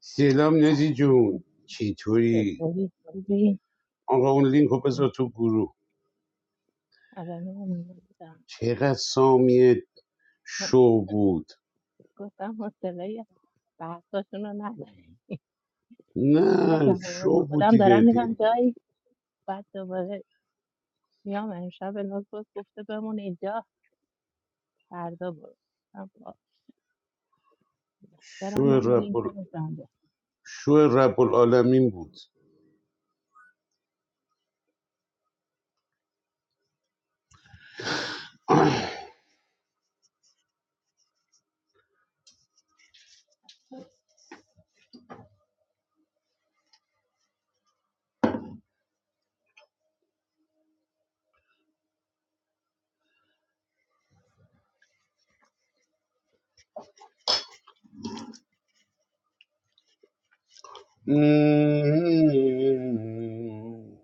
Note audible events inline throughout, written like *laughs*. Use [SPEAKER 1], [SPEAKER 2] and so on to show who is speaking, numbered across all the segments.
[SPEAKER 1] سلام نزی
[SPEAKER 2] سلام
[SPEAKER 1] جون چطوری
[SPEAKER 2] چطوری خوبی
[SPEAKER 1] آقا اون لینک رو بذار تو گروه
[SPEAKER 2] الان من بودم
[SPEAKER 1] چقدر سامیه شو بود
[SPEAKER 2] گفتم حوصله بحثاشون رو ندارم جون
[SPEAKER 1] نه
[SPEAKER 2] بزنم
[SPEAKER 1] شو بود
[SPEAKER 2] خودم دارم
[SPEAKER 1] دیگه
[SPEAKER 2] میرم
[SPEAKER 1] دیگه
[SPEAKER 2] جایی بعد دوباره میام امشب نوز باز گفته بمون اینجا فردا برو گفتم باش. برم
[SPEAKER 1] شو
[SPEAKER 2] من از این
[SPEAKER 1] رب ال...
[SPEAKER 2] کنم زنده
[SPEAKER 1] شو رب العالمین بود *clears throat*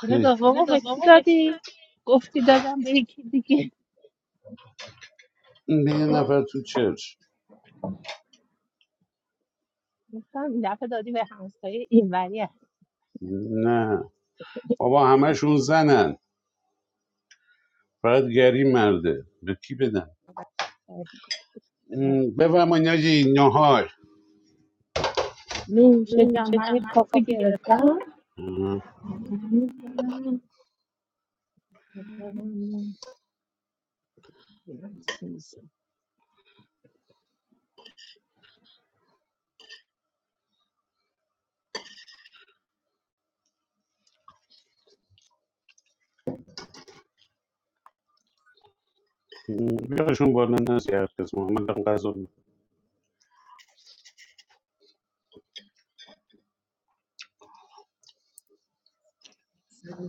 [SPEAKER 2] چرا دومو به کی دادی گفتی دادم به یکی دیگه
[SPEAKER 1] این یه نفر تو چرچ
[SPEAKER 2] گفتم این دفعه دادی به همسایه اینوری هست.
[SPEAKER 1] نه بابا همشون زنن فقط گری مرده به کی بدن بفرمایید ناجی نهار
[SPEAKER 2] نوش جمعه کافی گرفتم Jesus.
[SPEAKER 1] بیارشون بالا نه زیاد کس محمد هم غذا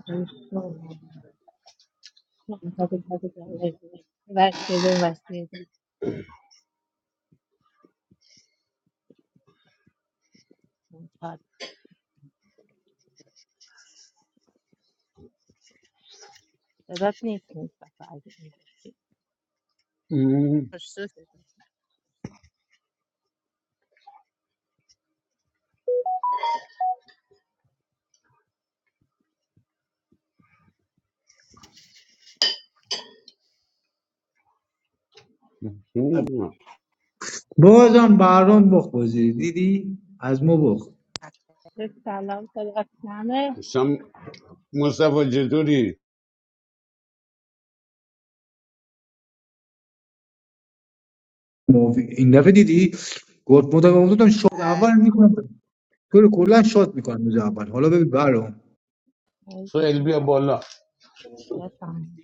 [SPEAKER 2] I'm so I'm happy to take that I've actually been vaccinated from part. So that needs to be stuff that I didn't even do. For
[SPEAKER 1] میکنم
[SPEAKER 2] sure. Just
[SPEAKER 3] بازم برام بخ بازی دیدی از ما بخ
[SPEAKER 2] سلام صدات کمه
[SPEAKER 1] سم مصطفی جدوری
[SPEAKER 3] ما- این دفعه دیدی گفت مدام گفتم شاد اول میکنم تو رو کلا شاد میکنم روز اول حالا ببین برام
[SPEAKER 1] سویل
[SPEAKER 2] مرسی.
[SPEAKER 1] بیا بالا
[SPEAKER 2] بفرمایید.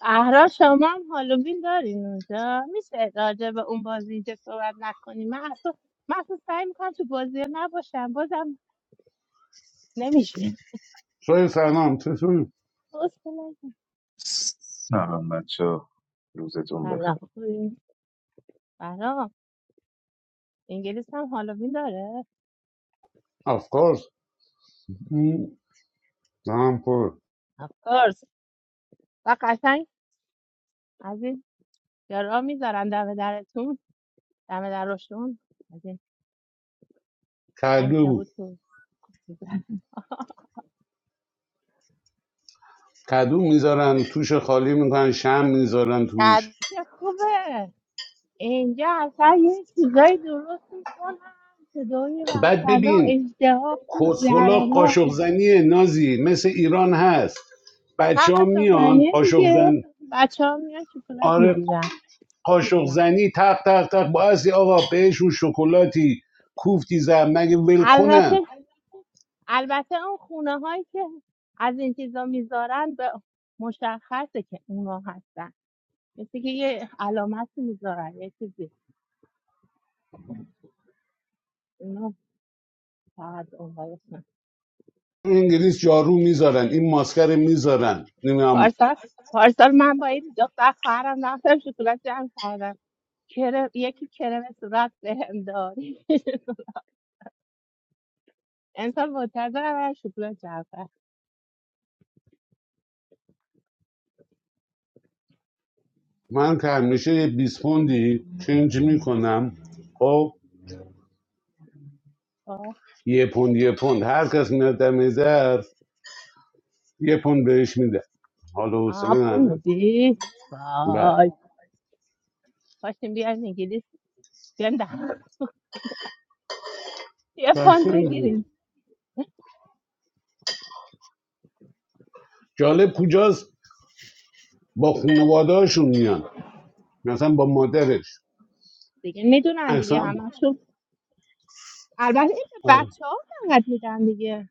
[SPEAKER 2] اهرا شما هم هالووین دارین اونجا میشه راجع به اون بازی اینجا صحبت نکنیم من اصلا من اصلا سعی میکنم تو بازی ها نباشم بازم نمیشه
[SPEAKER 1] سویل سلام چشون
[SPEAKER 2] حوصله ندارم.
[SPEAKER 4] Sama chau, luzetumba.
[SPEAKER 2] سلام خوبی؟ برام انگلیس هم هالووین داره
[SPEAKER 1] افکارس هم پر
[SPEAKER 2] و قشنگ از این جرا میذارن دم درتون دم درشون از این
[SPEAKER 1] کدو
[SPEAKER 2] انکبوت و چیزا.
[SPEAKER 1] کدو میذارن توش خالی میکنن شم میذارن توش
[SPEAKER 2] که خوبه اینجا اصلا یه چیزایی درست میکنن که دوی
[SPEAKER 1] بعد
[SPEAKER 2] وحسنا
[SPEAKER 1] ببین
[SPEAKER 2] اشتها خوب
[SPEAKER 1] کسخلا
[SPEAKER 2] زهر ما
[SPEAKER 1] قاشق زنی نازی مثل ایران هست بچه ها
[SPEAKER 2] قرص
[SPEAKER 1] میان
[SPEAKER 2] سخنیه
[SPEAKER 1] قاشق
[SPEAKER 2] دیگه
[SPEAKER 1] زن
[SPEAKER 2] بچه ها میان شکلات
[SPEAKER 1] آره
[SPEAKER 2] میگیرن
[SPEAKER 1] قاشق زنی تق تق تق بعضی آقا بهشون شکلاتی کوفتی زن مگه ول کنن
[SPEAKER 2] البته البته اون خونه هایی که از این چیزا میذارن به مشخصه که اونا هستن مثل که یه علامت میذارن یه چیزی فقط اون اسمم.
[SPEAKER 1] تو انگلیس جارو میذارن این ماسکر میذارن نمیدونم
[SPEAKER 2] پارسال پارسال من با این دو تا خواهرم رفتم شکلات جمع کردم کرم یکی کرم صورت بهم داد *laughs* انسان منتظر من شکلات جمع کرد
[SPEAKER 1] من که همیشه یه 20 پوندی چنج میکنم خب
[SPEAKER 2] آه
[SPEAKER 1] یه پوند یه پوند هر کس میاد دم در یه پوند بهش میده حالا
[SPEAKER 2] آه،
[SPEAKER 1] حوصله
[SPEAKER 2] پول
[SPEAKER 1] ندارم
[SPEAKER 2] میدی
[SPEAKER 1] بله
[SPEAKER 2] وای پاشیم بیایم انگلیس بیایم ده یه
[SPEAKER 1] پس
[SPEAKER 2] پوند
[SPEAKER 1] این-
[SPEAKER 2] بگیریم
[SPEAKER 1] جالب کجاست با خانوادهاشون میان مثلا با مادرش
[SPEAKER 2] دیگه میدونن دیگه
[SPEAKER 1] اصلا
[SPEAKER 2] همشون البته این به
[SPEAKER 1] آره.
[SPEAKER 2] بچه ها فقط میدن دیگه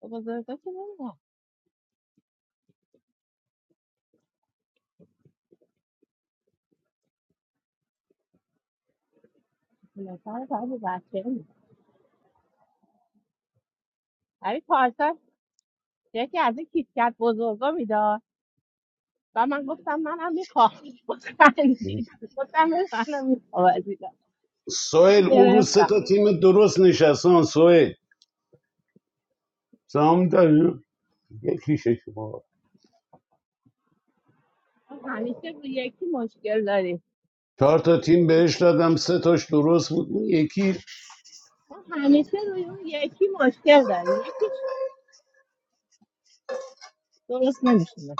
[SPEAKER 2] به بزرگا که نمیدن شکلات رو فقط به بچه ها میدن ولی پارسال یکی از این کیتکت بزرگا میداد و من گفتم منم میخوام باز خندید گفتم به منم میخوام عزیزم
[SPEAKER 1] سوهل اون روز سه
[SPEAKER 2] گرفتم
[SPEAKER 1] تا تیم درست نشستن سوهل سهام داری؟ یکیشه شما
[SPEAKER 2] ما همیشه روی یکی مشکل داری
[SPEAKER 1] چهار تا تیم بهش دادم سه تاش درست بود اون یکی
[SPEAKER 2] همیشه روی اون یکی مشکل داری یکیش درست نمیشونه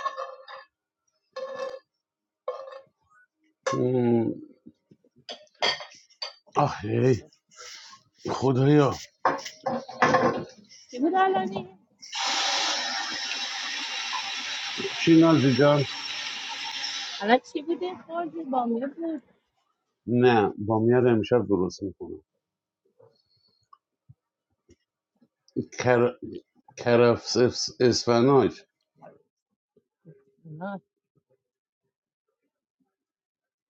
[SPEAKER 1] ام، آخه خدایا
[SPEAKER 2] چی بود الانی؟
[SPEAKER 1] چی نازی جان
[SPEAKER 2] الان چی بوده خوردی با می بود
[SPEAKER 1] نه بامیار امشب درست میکنم کر... کرفس اس- اسفناج
[SPEAKER 2] نه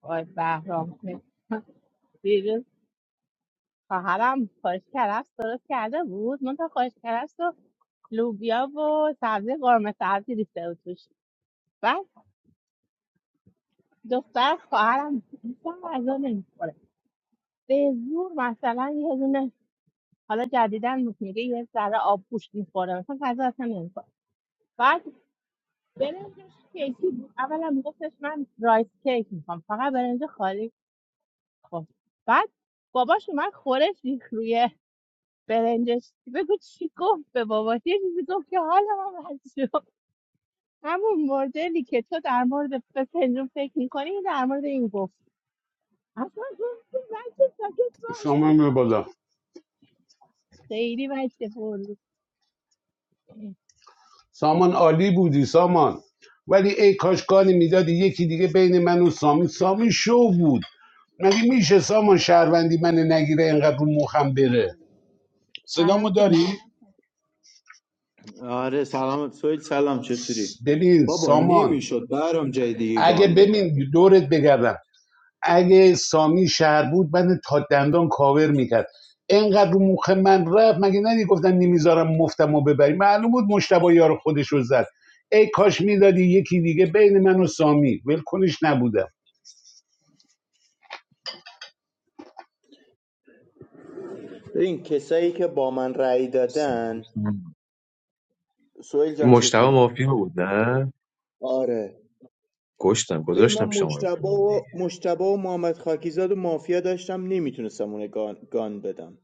[SPEAKER 2] وای بهرام دیروز خواهرم خوش کرفس درست کرده بود من تا خوش کرفس و لوبیا و سبزی قرمه سبزی ریخته بود توش بعد دختر خواهرم گفتم غذا نمی‌خوره. به زور مثلا یه دونه حالا جدیدن میگه یه ذره آب پوشت میخوره مثلا غذا اصلا نمیخوره بعد برنجش کیکی بود اولا میگفتش من رایس کیک میخوام فقط برنج خالی خب بعد باباش اومد خورش ریخ روی برنجش بگو چی گفت به باباش یه چیزی گفت که حالا من بد شد همون مدلی که تو در مورد فسنجون فکر میکنی در مورد این گفت اصلا گفت که بچه ساکت باش
[SPEAKER 1] سامان به بالا
[SPEAKER 2] خیلی بچه پر بود
[SPEAKER 1] سامان عالی بودی سامان ولی ای کاش کاری میدادی یکی دیگه بین من و سامی سامی شو بود مگه میشه سامان شهروندی من نگیره اینقدر رو مخم بره
[SPEAKER 2] سلام
[SPEAKER 1] صدامو
[SPEAKER 2] سامان.
[SPEAKER 1] داری؟
[SPEAKER 5] آره سلام سویل سلام چطوری
[SPEAKER 1] ببین
[SPEAKER 5] بابا
[SPEAKER 1] سامان
[SPEAKER 5] نمیشد برام جای دیگه
[SPEAKER 1] اگه
[SPEAKER 5] گان بدن
[SPEAKER 1] ببین دورت بگردم اگه سامی شهر بود من تا دندان کاور میکرد اینقدر رو مخ من رفت مگه ندی گفتن نمیذارم مفتم و ببری معلوم بود مشتبه یار خودش رو زد ای کاش میدادی یکی دیگه بین من و سامی ولکنش نبودم
[SPEAKER 5] ببین کسایی که با من رأی دادن سویل
[SPEAKER 4] I
[SPEAKER 5] جان
[SPEAKER 4] mosta o
[SPEAKER 5] چطوری
[SPEAKER 4] ma fiyo ude.
[SPEAKER 5] آره
[SPEAKER 4] Kostem,
[SPEAKER 5] ببین من
[SPEAKER 4] kozostem shamu
[SPEAKER 5] مجتبا و
[SPEAKER 4] epaninde.
[SPEAKER 5] مجتبا و محمد خاکیزاد و مافیا داشتم نمیتونستم اون گان, گان بدم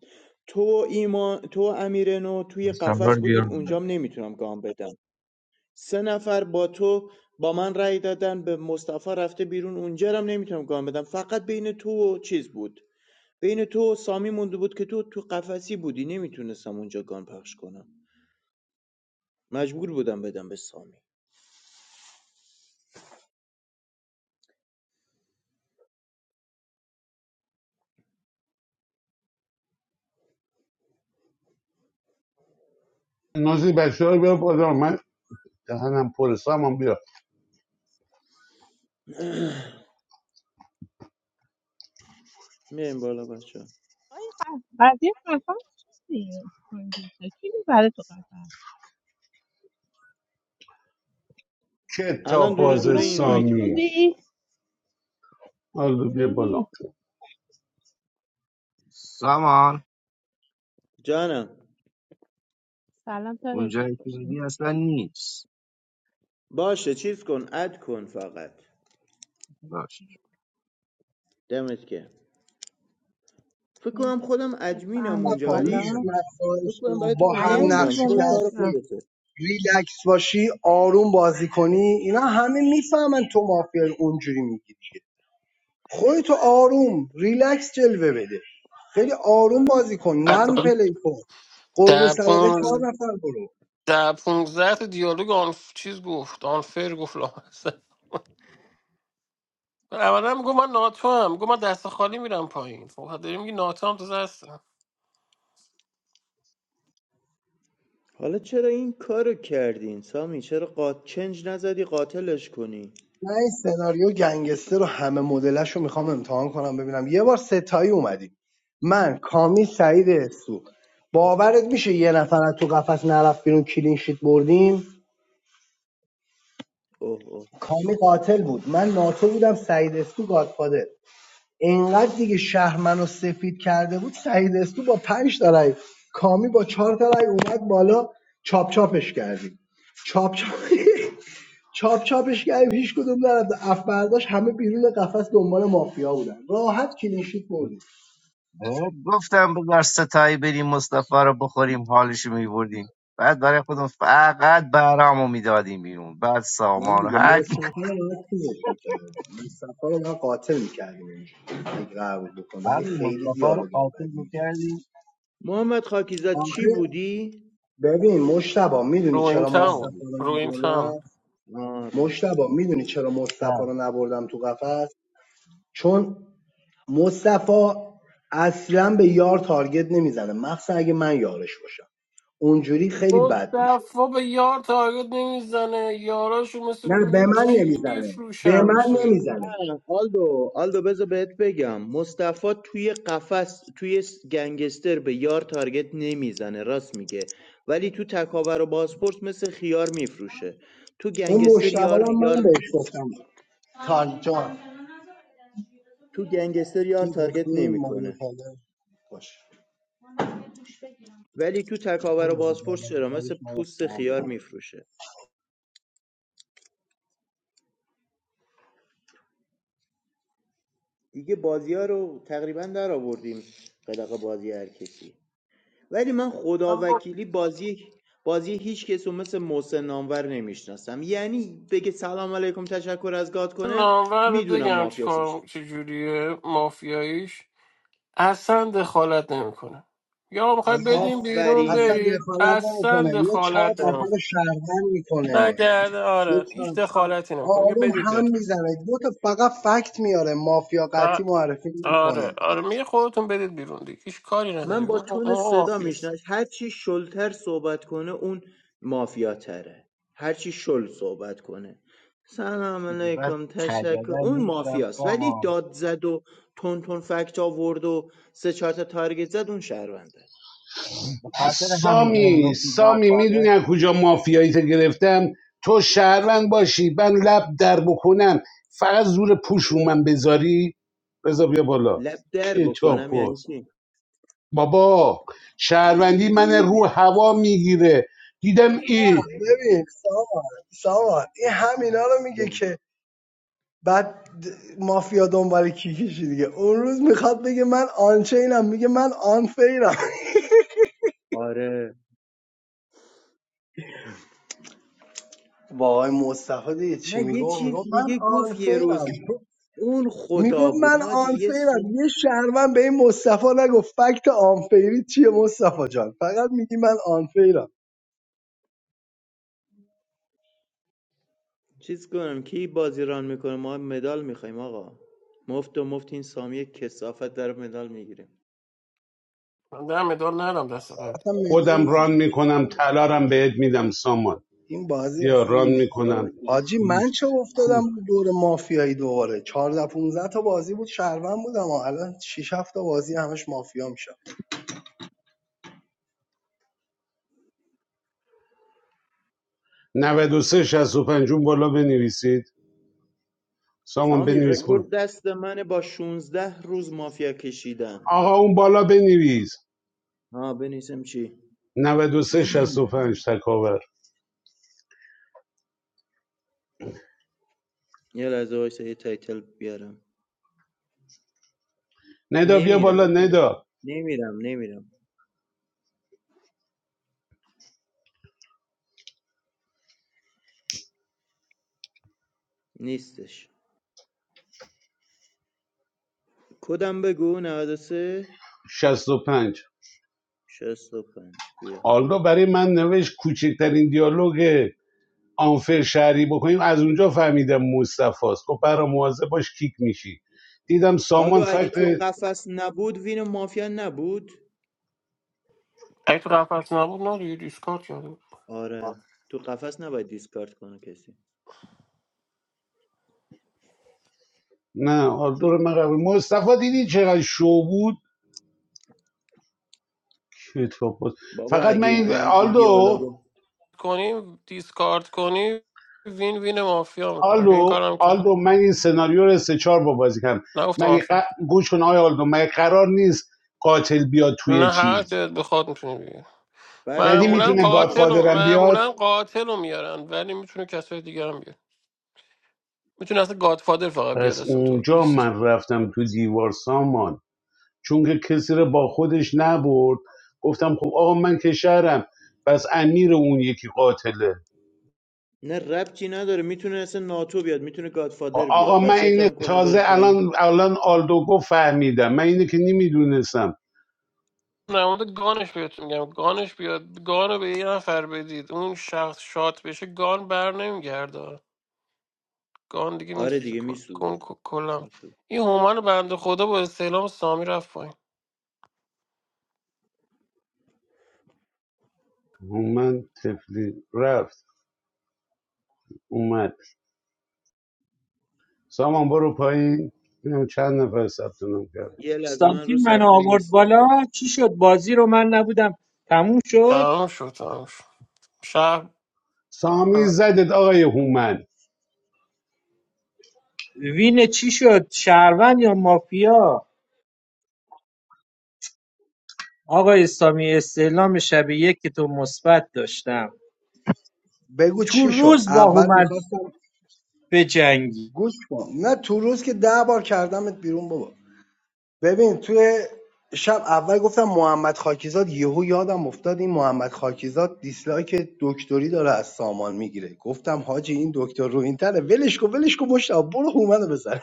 [SPEAKER 5] تو و ایمان تو و امیرنو توی قفس بودیم اونجام نمیتونم گان بدم سه نفر با تو با من رأی دادن به مصطفی رفته بیرون اونجا رو هم نمیتونم گان بدم فقط بین تو و چیز بود بین تو و سامی مونده بود که تو تو قفسی بودی نمیتونستم اونجا گان پخش کنم مجبور بودم بدم به سامی
[SPEAKER 1] نازی بچه ها بیا بالا من دهنم پر سامان بیا
[SPEAKER 5] میریم بالا بچه
[SPEAKER 2] آقای قف- قضیه قفس چیه؟ کانگرسه. کی میبره تو قفس
[SPEAKER 5] الان
[SPEAKER 1] کتاب
[SPEAKER 5] دونه
[SPEAKER 2] سلام
[SPEAKER 5] دونه
[SPEAKER 1] باز
[SPEAKER 2] نمیدونی
[SPEAKER 5] اینوایت
[SPEAKER 1] سامی
[SPEAKER 5] میدم
[SPEAKER 2] خوبی
[SPEAKER 1] آلو بیا بالا
[SPEAKER 2] چطوری
[SPEAKER 6] سامان
[SPEAKER 5] جانم
[SPEAKER 2] سلام تا جو
[SPEAKER 6] اونجایی که
[SPEAKER 2] خوش
[SPEAKER 6] میگی
[SPEAKER 2] اومدی.
[SPEAKER 6] اصلا نیست
[SPEAKER 5] باشه چیز کن اد کن فقط
[SPEAKER 6] باش
[SPEAKER 5] دمت که فکر کنم
[SPEAKER 2] بهتاب،
[SPEAKER 5] خودم ادمینم
[SPEAKER 2] بفرما
[SPEAKER 5] اونجا
[SPEAKER 7] صفا میشه
[SPEAKER 5] ولی
[SPEAKER 2] بالا
[SPEAKER 7] من
[SPEAKER 5] فکر
[SPEAKER 7] خواهش
[SPEAKER 5] کنم
[SPEAKER 7] کنم
[SPEAKER 5] برای
[SPEAKER 7] با
[SPEAKER 5] تو
[SPEAKER 7] هر
[SPEAKER 2] مریم بی
[SPEAKER 5] نمیدونم
[SPEAKER 7] نقشی که
[SPEAKER 5] خود کار
[SPEAKER 2] بالا
[SPEAKER 7] هستی
[SPEAKER 5] خودته
[SPEAKER 7] ریلکس باشی آروم بازی کنی اینا همه میفهمن تو مافیا اونجوری میگی دیگه خودتو آروم ریلکس جلوه بده خیلی آروم بازی کن نرم
[SPEAKER 8] حتی
[SPEAKER 7] پلی کن قربون
[SPEAKER 8] در
[SPEAKER 7] صدقه چهار
[SPEAKER 8] پونز
[SPEAKER 7] نفر برو
[SPEAKER 8] در پونزده تا دیالوگ آن چیز گفت آنفر گفت لامصب اولا میگو من ناتو هم میگو من دست خالی میرم پایین خب داری میگی ناتو هم تازه هستم
[SPEAKER 5] حالا چرا این کارو کردین سامی چرا قات چنج نزدی قاتلش کنی
[SPEAKER 7] من این سناریو گنگستر رو همه مدلش رو میخوام امتحان کنم ببینم یه بار ستایی اومدیم من کامی سعید استو باورت میشه یه نفر از تو قفس نرفت بیرون کلین شیت بردیم
[SPEAKER 5] اوه اوه اوه
[SPEAKER 7] کامی قاتل بود من ناتو بودم سعید اسکو گادفادر اینقدر دیگه شهر منو سفید کرده بود سعید اسکو با پنج تا رای کامی با چهار تا رای اومد بالا چاپ چاپش کردیم چاپ چاپ *laughs* چاپ چاپش کردیم هیچ کدوم نرفت افبرداش همه بیرون قفس دنبال مافیا بودن راحت کلینشیت
[SPEAKER 6] خب،
[SPEAKER 7] بردیم
[SPEAKER 6] بهت گفتم بذار ستایی بریم مصطفی رو بخوریم حالشو میبردیم بعد برای خودم فقط برامو میدادیم بیرون بعد
[SPEAKER 7] نه
[SPEAKER 6] سامان و
[SPEAKER 7] دیگه
[SPEAKER 6] هر کی
[SPEAKER 7] مصطفی رو باید چیزش میکردیم مصطفی رو باید قاتل میکردیم اینجا اگه قرار بود بکن ولی
[SPEAKER 6] همین
[SPEAKER 7] خیلی
[SPEAKER 6] مصطفی رو
[SPEAKER 7] دیالوگ
[SPEAKER 6] قاتل
[SPEAKER 7] بدی میکرد
[SPEAKER 6] میکردی
[SPEAKER 5] محمد خاکیزاد چی
[SPEAKER 7] آخه
[SPEAKER 5] بودی
[SPEAKER 7] ببین مشتبا میدونی
[SPEAKER 8] رو این
[SPEAKER 7] چرا
[SPEAKER 8] کم بود.
[SPEAKER 6] کردی
[SPEAKER 7] مصطفی رو
[SPEAKER 8] رو این
[SPEAKER 7] نبردم
[SPEAKER 8] کم
[SPEAKER 5] آره
[SPEAKER 7] مشتبا میدونی چرا مصطفی
[SPEAKER 6] بعد
[SPEAKER 7] رو نبردم تو قفس چون مصطفی اصلا به یار تارگت نمیزنه مخصوصا اگه من یارش باشم اونجوری خیلی بد میشد
[SPEAKER 8] مصطفا به یار تارگت نمیزنه یاراشو مثل
[SPEAKER 7] نه به من
[SPEAKER 8] میگی
[SPEAKER 7] نمیزنه به
[SPEAKER 8] میفروشن
[SPEAKER 7] من
[SPEAKER 8] میشه
[SPEAKER 7] نمیزنه
[SPEAKER 5] آلدو آلدو بذار بهت بگم مصطفی توی قفس توی س- گنگستر به یار تارگت نمیزنه راست میگه ولی تو تکاور و بازپرس مثل خیار میفروشه تو
[SPEAKER 7] اون
[SPEAKER 5] گنگستر
[SPEAKER 7] مشتبا
[SPEAKER 5] یار
[SPEAKER 7] رو هم من
[SPEAKER 5] یار
[SPEAKER 7] بهش گفتم تان جان
[SPEAKER 5] تو گنگستر یار
[SPEAKER 7] چیز
[SPEAKER 5] تارگت
[SPEAKER 7] ریختی مایه
[SPEAKER 5] نمیکنه
[SPEAKER 7] کله باش
[SPEAKER 5] ولی تو تکاور
[SPEAKER 7] اون
[SPEAKER 5] و
[SPEAKER 7] رو به
[SPEAKER 5] بازپرس چرا
[SPEAKER 7] بالا
[SPEAKER 5] مثل
[SPEAKER 7] ببرش، ما رو
[SPEAKER 5] پوست
[SPEAKER 7] سام
[SPEAKER 5] خیار میفروشه دیگه بازی ها رو تقریبا در آوردیم قلق بازی هر کسی ولی من خدا
[SPEAKER 8] من با
[SPEAKER 5] وکیلی بازی بازی هیچ کس رو مثل محسن نامور نمیشناسم یعنی بگه سلام علیکم تشکر از گاد کنه
[SPEAKER 8] نامور رو
[SPEAKER 5] میدونم
[SPEAKER 8] بگم چی
[SPEAKER 5] مافیاسش
[SPEAKER 8] کار چجوریه مافیاییش اصلا دخالت نمیکنه یا میخوای
[SPEAKER 7] بده.
[SPEAKER 8] بدیم بیرون
[SPEAKER 7] اصلا
[SPEAKER 5] آفرین
[SPEAKER 8] برید
[SPEAKER 7] دخالت
[SPEAKER 8] اصلا
[SPEAKER 7] نمیکنه یه چهار
[SPEAKER 8] دخالت
[SPEAKER 7] نفر رو
[SPEAKER 8] نمیکنه
[SPEAKER 7] شهروند میکنه
[SPEAKER 8] نگرده
[SPEAKER 7] یه
[SPEAKER 8] آره هیچ
[SPEAKER 7] چهار
[SPEAKER 8] دخالتی نمیکنه میگه
[SPEAKER 7] آروم
[SPEAKER 8] بدید
[SPEAKER 7] هم
[SPEAKER 8] برید
[SPEAKER 7] میزنه دو تا فقط فکت میاره مافیا قطعی
[SPEAKER 8] فقط
[SPEAKER 7] معرفی
[SPEAKER 8] آره
[SPEAKER 7] میکنه
[SPEAKER 8] آره میگه خودتون بدید بیرون دیگه هیچ کاری نداری
[SPEAKER 5] من با
[SPEAKER 8] اون
[SPEAKER 5] تون
[SPEAKER 8] اون
[SPEAKER 5] صدا
[SPEAKER 8] آفیس
[SPEAKER 5] میشناس هر چی شلتر صحبت کنه اون مافیا تره هر چی شل صحبت کنه سلام
[SPEAKER 6] بعد
[SPEAKER 5] علیکم تشکر
[SPEAKER 6] کردن
[SPEAKER 5] اون
[SPEAKER 6] نیستم
[SPEAKER 5] مافیاست ولی
[SPEAKER 6] سامان
[SPEAKER 5] داد زد و تون تون فکت آورد و سه چهار تا تارگت زد اون شهرونده
[SPEAKER 6] به خاطر همین بهم
[SPEAKER 1] سامی
[SPEAKER 6] گفتی
[SPEAKER 1] سامی میدونی از کجا مافیاییت گرفتم تو شهروند باشی من لب در بکنم فقط زور پوش رو من بذاری رضا بیا بالا
[SPEAKER 5] لب در
[SPEAKER 1] کتاب
[SPEAKER 5] بکنم یعنی
[SPEAKER 1] باز
[SPEAKER 5] چی
[SPEAKER 1] بابا شهروندی من رو هوا میگیره دیدم ای
[SPEAKER 7] ببین سامان سامان این همینا رو میگه که بعد د- مافیا دنبال کیکشی دیگه اون روز میخواد بگه من آنچینم میگه من آنفیرم
[SPEAKER 5] آره
[SPEAKER 7] *laughs* با آقای مصطفی دیگه چی
[SPEAKER 5] نه یه
[SPEAKER 7] میگم
[SPEAKER 5] چیز
[SPEAKER 7] میگم من
[SPEAKER 5] دیگه گفت یه
[SPEAKER 7] آنفیرم
[SPEAKER 5] روز
[SPEAKER 7] تو
[SPEAKER 5] اون خدا
[SPEAKER 7] میگفت
[SPEAKER 5] بود
[SPEAKER 7] من
[SPEAKER 5] حاجی یه سی...
[SPEAKER 7] آنفیرم یه شهروند به این مصطفی نگفت فکت آنفیری چیه مصطفی جان فقط میگی من آنفیرم
[SPEAKER 5] چیز کنم کی بازی ران میکنه ما مدال میخوایم آقا مفت و مفت این سامی کسافت در مدال میگیریم
[SPEAKER 8] من در مدال ندارم دست قبل
[SPEAKER 7] اصلا میدون
[SPEAKER 1] خودم ران
[SPEAKER 7] نداره.
[SPEAKER 1] میکنم تلارم بهت میدم سامان
[SPEAKER 7] این بازی
[SPEAKER 1] بیا
[SPEAKER 7] اصلا
[SPEAKER 1] ران
[SPEAKER 5] خدا
[SPEAKER 1] میکنم
[SPEAKER 5] وکیلی.
[SPEAKER 7] حاجی من
[SPEAKER 1] پوز
[SPEAKER 7] چه
[SPEAKER 1] پول
[SPEAKER 7] افتادم بود دور مافیایی دوباره 14 15 تا بازی بود شهروند بودم و الان 6 7 تا بازی همش مافیا میشم
[SPEAKER 1] 93 65 اون بالا بنویسید سامان
[SPEAKER 5] سامی
[SPEAKER 1] بنویس
[SPEAKER 5] رکورد
[SPEAKER 1] برو
[SPEAKER 5] دست منه با 16 روز مافیا کشیدن
[SPEAKER 1] آقا اون بالا بنویس
[SPEAKER 5] ها بنویسم چی
[SPEAKER 1] 93 65 تکاور
[SPEAKER 5] یه لحظه وایسا یه تایتل بیارم
[SPEAKER 1] ندا بیا بالا
[SPEAKER 5] نمیرم
[SPEAKER 1] ندا
[SPEAKER 5] نمیرم نمیرم نیستش کدم بگو 93
[SPEAKER 1] شصت و پنج.
[SPEAKER 5] 65 بیا
[SPEAKER 1] آلدو برای من نوشت کوچکترین دیالوگ آنفر شهری بکنیم از اونجا فهمیدم مصطفی است گفت برا مواظب باش کیک میشی دیدم
[SPEAKER 5] آلدو
[SPEAKER 1] سامان
[SPEAKER 5] اگه تو
[SPEAKER 1] فکت
[SPEAKER 5] قفس نبود وین مافیا نبود
[SPEAKER 8] اگه تو قفس نبود نه دیگه دیسکارد کرده بود.
[SPEAKER 5] آره تو قفس نباید دیسکارد کنه کسی
[SPEAKER 1] نه آلدو رو من قبول مصطفی دیدی چقدر شو بود کتاب باز.
[SPEAKER 5] بابا
[SPEAKER 1] فقط من
[SPEAKER 5] اگه
[SPEAKER 1] این
[SPEAKER 5] این, این
[SPEAKER 1] آلدو
[SPEAKER 5] دیالوگو
[SPEAKER 8] کنی دیسکارد کنی وین وین مافیا میکنم این
[SPEAKER 1] آلدو
[SPEAKER 8] کارم که
[SPEAKER 1] آلدو من این سناریو رو سه چهار با بازی کردم
[SPEAKER 8] نگفتم
[SPEAKER 1] من
[SPEAKER 8] مافیا
[SPEAKER 1] ق... گوش کن آقای آلدو من قرار نیست قاتل بیاد توی
[SPEAKER 8] نه هر
[SPEAKER 1] چیز
[SPEAKER 8] جد بخواد میتونی
[SPEAKER 5] فرقی
[SPEAKER 1] یعنی
[SPEAKER 8] معمولا
[SPEAKER 5] نداره
[SPEAKER 1] میتونه
[SPEAKER 5] کی
[SPEAKER 8] قاتل
[SPEAKER 5] بیاد
[SPEAKER 8] و
[SPEAKER 1] گادفادرم بیاد
[SPEAKER 8] معمولا قاتل رو میارن ولی میتونه کسای دیگه هم بیاره میتونه اصلا گادفادر فقط بیاد
[SPEAKER 1] پس
[SPEAKER 8] اصلا تو
[SPEAKER 1] اونجا
[SPEAKER 8] لیست
[SPEAKER 1] من رفتم تو دیوار سامان چون که کسی رو با خودش نبرد گفتم خب آقا من که شهرم پس امیر اون یکی قاتله
[SPEAKER 5] نه ربطی نداره میتونه اصلا ناتو بیاد میتونه
[SPEAKER 1] خب
[SPEAKER 5] گادفادر بیاد
[SPEAKER 1] آقا من
[SPEAKER 5] وصیت
[SPEAKER 1] اینه
[SPEAKER 5] هم کنه بره
[SPEAKER 1] تازه
[SPEAKER 5] پایین
[SPEAKER 1] الان الان آلدوگو فهمیدم من اینه که نمیدونستم
[SPEAKER 8] نه مورد گانش بهتون میگم گانش بیاد گان رو به یه نفر بدید اون شخص شات بشه گان بر نمیگرده گان دیگه
[SPEAKER 5] آره
[SPEAKER 8] میسوزه
[SPEAKER 5] دیگه
[SPEAKER 8] کل کن
[SPEAKER 5] میسوزه
[SPEAKER 8] کلا
[SPEAKER 5] میسوزه
[SPEAKER 8] این هومان بنده خدا با استعلام سامی رفت پایین
[SPEAKER 1] من تفلی رفت اومد سامان برو پایین ببینم چند نفر ثبت نام کرد
[SPEAKER 5] یه لحظه من رو
[SPEAKER 9] کنستانتین من
[SPEAKER 5] صفحه
[SPEAKER 9] آورد
[SPEAKER 5] نیستم
[SPEAKER 9] بالا چی شد بازی رو من نبودم تموم شد
[SPEAKER 8] تمام شد تمام شد شهر
[SPEAKER 1] سامی زدت آقای هومن
[SPEAKER 9] وین چی شد شهروند یا مافیا آقای اسلامی استعلام شب یک که تو مثبت داشتم
[SPEAKER 7] بگو
[SPEAKER 9] تو
[SPEAKER 7] چی شد
[SPEAKER 9] روز با
[SPEAKER 7] اول
[SPEAKER 9] هومن
[SPEAKER 7] میخواستم
[SPEAKER 9] به
[SPEAKER 7] گوش کن نه تو روز که ده بار کردمت بیرون بابا ببین توی شب اول گفتم محمد خاکیزاد یهو یادم افتاد این محمد خاکیزاد دیسلایک دکتری داره از سامان میگیره گفتم حاجی این دکتر رو این تنه ولش کن ولش کن مشتاق برو هومن رو بزن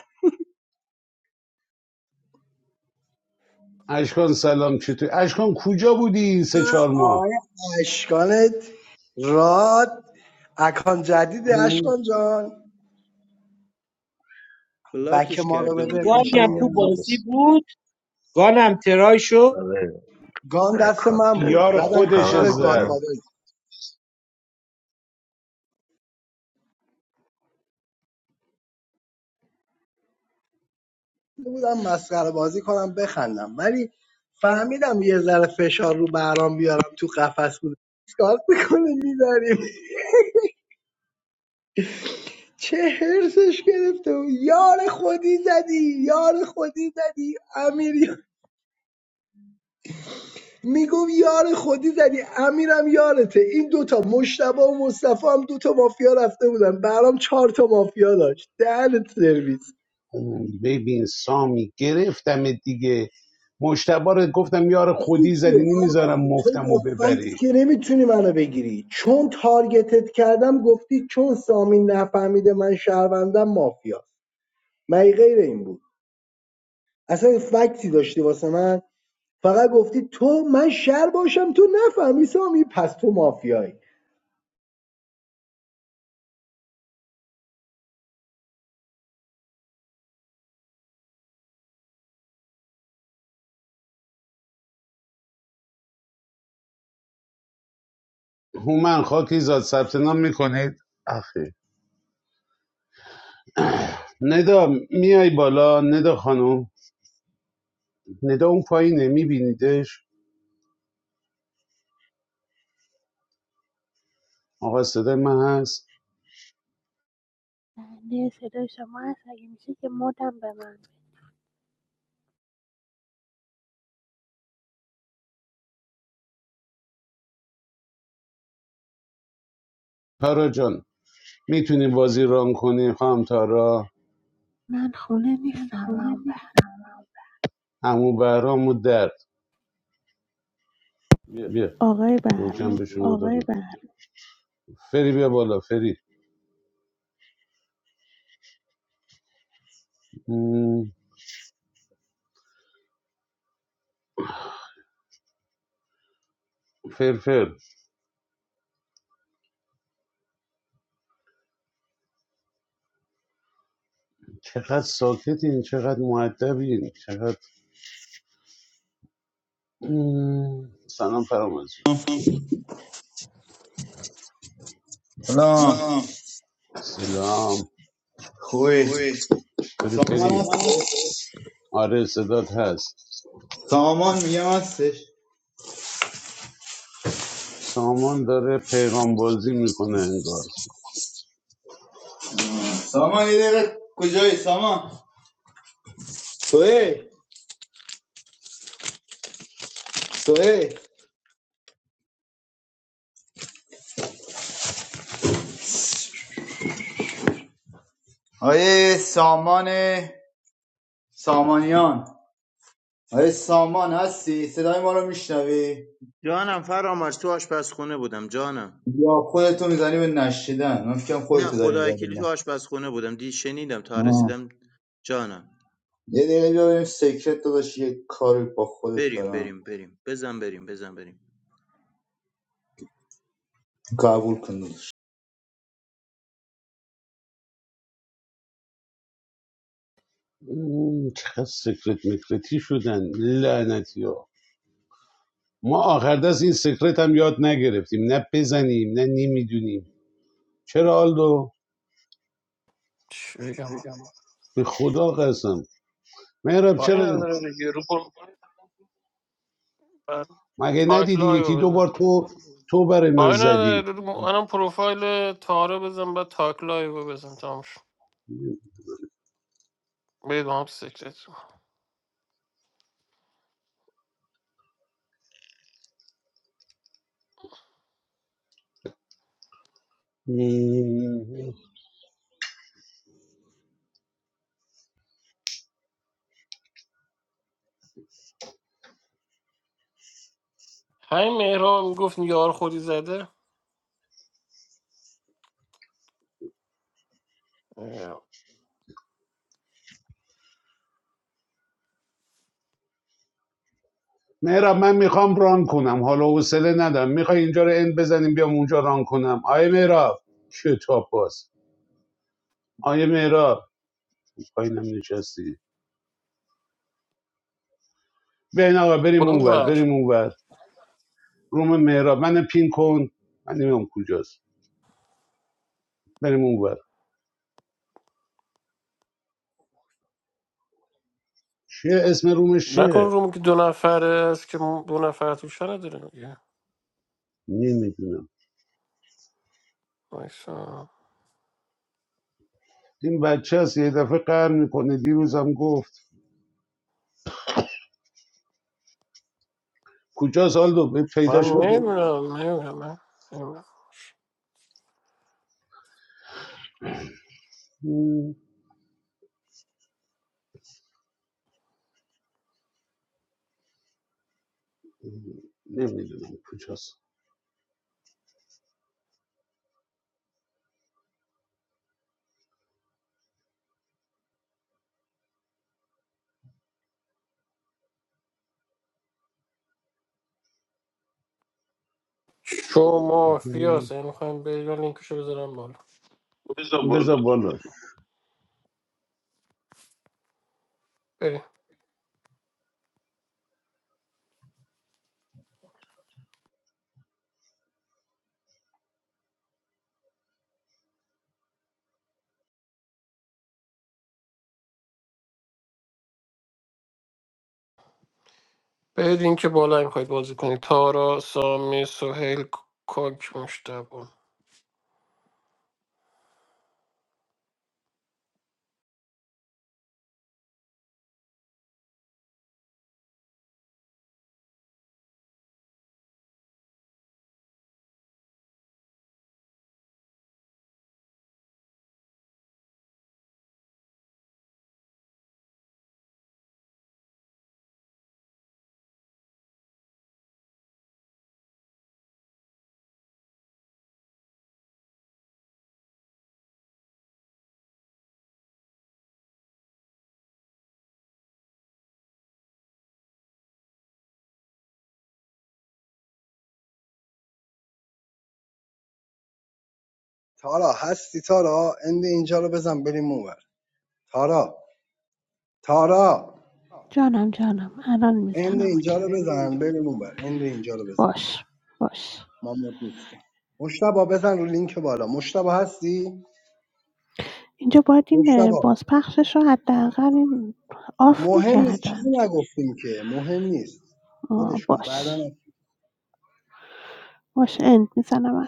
[SPEAKER 1] اشکان سلام چطوری اشکان کجا بودی این سه چهار ماه
[SPEAKER 7] آقای اشکانت راد اکان جدید اشکان جان بک
[SPEAKER 5] بلاکش
[SPEAKER 7] ما رو
[SPEAKER 5] کرده
[SPEAKER 7] بده
[SPEAKER 5] بودیم یه
[SPEAKER 10] I
[SPEAKER 9] گانی هم تو
[SPEAKER 7] قشنگم
[SPEAKER 10] can't
[SPEAKER 5] مدت
[SPEAKER 9] بازی بود گانم ترای شد
[SPEAKER 7] گان دست من بود
[SPEAKER 10] wait.
[SPEAKER 1] یار
[SPEAKER 7] زدم
[SPEAKER 10] It's
[SPEAKER 7] تو
[SPEAKER 1] خودش
[SPEAKER 10] very
[SPEAKER 7] سر
[SPEAKER 1] زد
[SPEAKER 10] cool.
[SPEAKER 7] گادفادر رفته بودم مسخره بازی کنم بخندم ولی فهمیدم یه ذره فشار رو برام بیارم تو قفس بود اسکارت میکنه می‌بریم *laughs* چه هرسش گرفته بود یار خودی زدی یار خودی زدی امیر میگم یار خودی زدی امیرم یارته این دوتا مشتبه و مصطفی هم دوتا مافیا رفته بودن برام چهار تا مافیا داشت دهنت سرویس
[SPEAKER 1] ببین سامی گرفتم دیگه مشتبه گفتم یار
[SPEAKER 7] چیزی
[SPEAKER 1] خودی زدی
[SPEAKER 7] چیه
[SPEAKER 1] نمیذارم
[SPEAKER 7] تو
[SPEAKER 1] مفتم
[SPEAKER 7] با
[SPEAKER 1] و
[SPEAKER 7] فکت
[SPEAKER 1] ببری
[SPEAKER 7] که نمیتونی منو بگیری چون تارگتت کردم گفتی چون سامین نفهمیده من شهروندم مافیا مگه غیر این بود اصلا فکتی داشتی واسه من فقط گفتی تو من شهر باشم تو نفهمی سامی پس تو مافیایی
[SPEAKER 1] هومن خاکی زاد ثبت نام میکنید آخه ندا میای بالا ندا خانم ندا اون پایینه میبینیدش آقا صدای من هست
[SPEAKER 11] بنده صدای شما هست اگه میشه که مدم به من
[SPEAKER 1] تارا جان میتونی بازی ران کنی خانم تارا
[SPEAKER 11] من خونه نیستم من بعد
[SPEAKER 1] همون برام و درد بیا
[SPEAKER 11] آقای
[SPEAKER 1] گوجم
[SPEAKER 11] بهرام
[SPEAKER 1] به شما دادم فری بیا بالا فری م، فرفر چقدر ساکتین چقدر معدبین چقدر م، سلام فرامرز جون.
[SPEAKER 12] سلام
[SPEAKER 1] سلام سلام
[SPEAKER 12] خوبی
[SPEAKER 1] خوبی چطوری
[SPEAKER 12] سامان
[SPEAKER 1] فری سامان هست
[SPEAKER 12] هستش
[SPEAKER 1] آره صدات هست
[SPEAKER 12] سامان میگم هستش
[SPEAKER 1] سامان داره پیغام بازی میکنه انگار
[SPEAKER 12] سامان یه دقیقه کجایی سامان توی توی آیه سامان سامانیان آیه سامان هستی صدای ما رو میشنوی
[SPEAKER 5] جانم فرامرز تو آشپزخونه بودم جانم
[SPEAKER 12] یا خودتو میزنی به نشیدن من فکرم
[SPEAKER 5] نه
[SPEAKER 12] خودتو داری
[SPEAKER 5] خدا
[SPEAKER 12] میزنی به
[SPEAKER 5] وکیلی تو
[SPEAKER 12] نه.
[SPEAKER 5] آشپزخونه بودم دی شنیدم تا
[SPEAKER 12] آه.
[SPEAKER 5] رسیدم جانم
[SPEAKER 12] یه دقیقه بیا بریم سیکرت داداش یه کاری با خودت
[SPEAKER 5] بریم
[SPEAKER 12] دارم
[SPEAKER 5] بریم بریم بزن بریم بزن بریم
[SPEAKER 12] قبول کن داداش.
[SPEAKER 1] م، چقدر سکرت مکرتی شدن لعنتی ها ما آخر دست این سکرت هم یاد نگرفتیم نه بزنیم نه نمیدونیم چرا آلدو
[SPEAKER 8] چی بگم
[SPEAKER 1] به خدا قسم مهراب آره چرا آره مگه
[SPEAKER 8] تایتل
[SPEAKER 1] ندیدی یکی دو
[SPEAKER 8] های
[SPEAKER 1] بار تو تو برای من
[SPEAKER 8] کاری
[SPEAKER 1] زدی
[SPEAKER 8] نداره منم پروفایل تارا بزن بعد تاک لایو رو بزن تمام شد برید با هم تو سکرت همین مهران میگفت یار خودی زده اه.
[SPEAKER 1] مهراب من میخوام ران کنم حالا حوصله ندارم میخوای اینجا رو اند بزنیم بیام اونجا ران کنم آیه مهراب کتاب باز آیه مهراب پایینم نشستی بیاین آقا بریم
[SPEAKER 8] کدوم
[SPEAKER 1] اونور
[SPEAKER 8] ور
[SPEAKER 1] بریم اونور روم مهراب من پین کن من نمیم کجاست بریم اونور چیه اسم رومش
[SPEAKER 8] نکن
[SPEAKER 1] چیه
[SPEAKER 8] روم که دو نفره است که دو نفر توش نداره میگه
[SPEAKER 1] نمیدونم
[SPEAKER 8] وایسا.
[SPEAKER 1] این بچه هست یه دفعه قهر میکنه دیروزم گفت کجاست آلدو به
[SPEAKER 8] من
[SPEAKER 1] پیداش بکن
[SPEAKER 8] نمیدونم نمیدونم من نمی‌دونم.
[SPEAKER 1] نمیدونم کجاست
[SPEAKER 8] شو مافیاس یعنی میخوایم برید من لینکشو بذارم بالا بذار بالا
[SPEAKER 1] بذار بالا
[SPEAKER 8] بریم برید این بالا میخواید بازی کنید تارا سامی سهیل کاک مشتبه
[SPEAKER 7] تارا هستی تارا اند اینجا رو بزن بریم اونور تارا تارا
[SPEAKER 11] جانم جانم الان
[SPEAKER 7] اند
[SPEAKER 11] میزنم
[SPEAKER 7] اینجا
[SPEAKER 11] اوکی
[SPEAKER 7] رو بزن بریم اونور اند اینجا رو بزن
[SPEAKER 11] باش باش
[SPEAKER 7] ما مد نیستیم مشتبا بزن رو لینک بالا مشتبا هستی
[SPEAKER 11] اینجا باید این اه،
[SPEAKER 7] مشتبا
[SPEAKER 11] بازپخشش رو حداقل این آف
[SPEAKER 7] مهم نیست
[SPEAKER 11] میکردن
[SPEAKER 7] چیزی نگفتیم که مهم نیست ولش کن
[SPEAKER 11] باش
[SPEAKER 7] بعدا
[SPEAKER 11] باش اند میزنم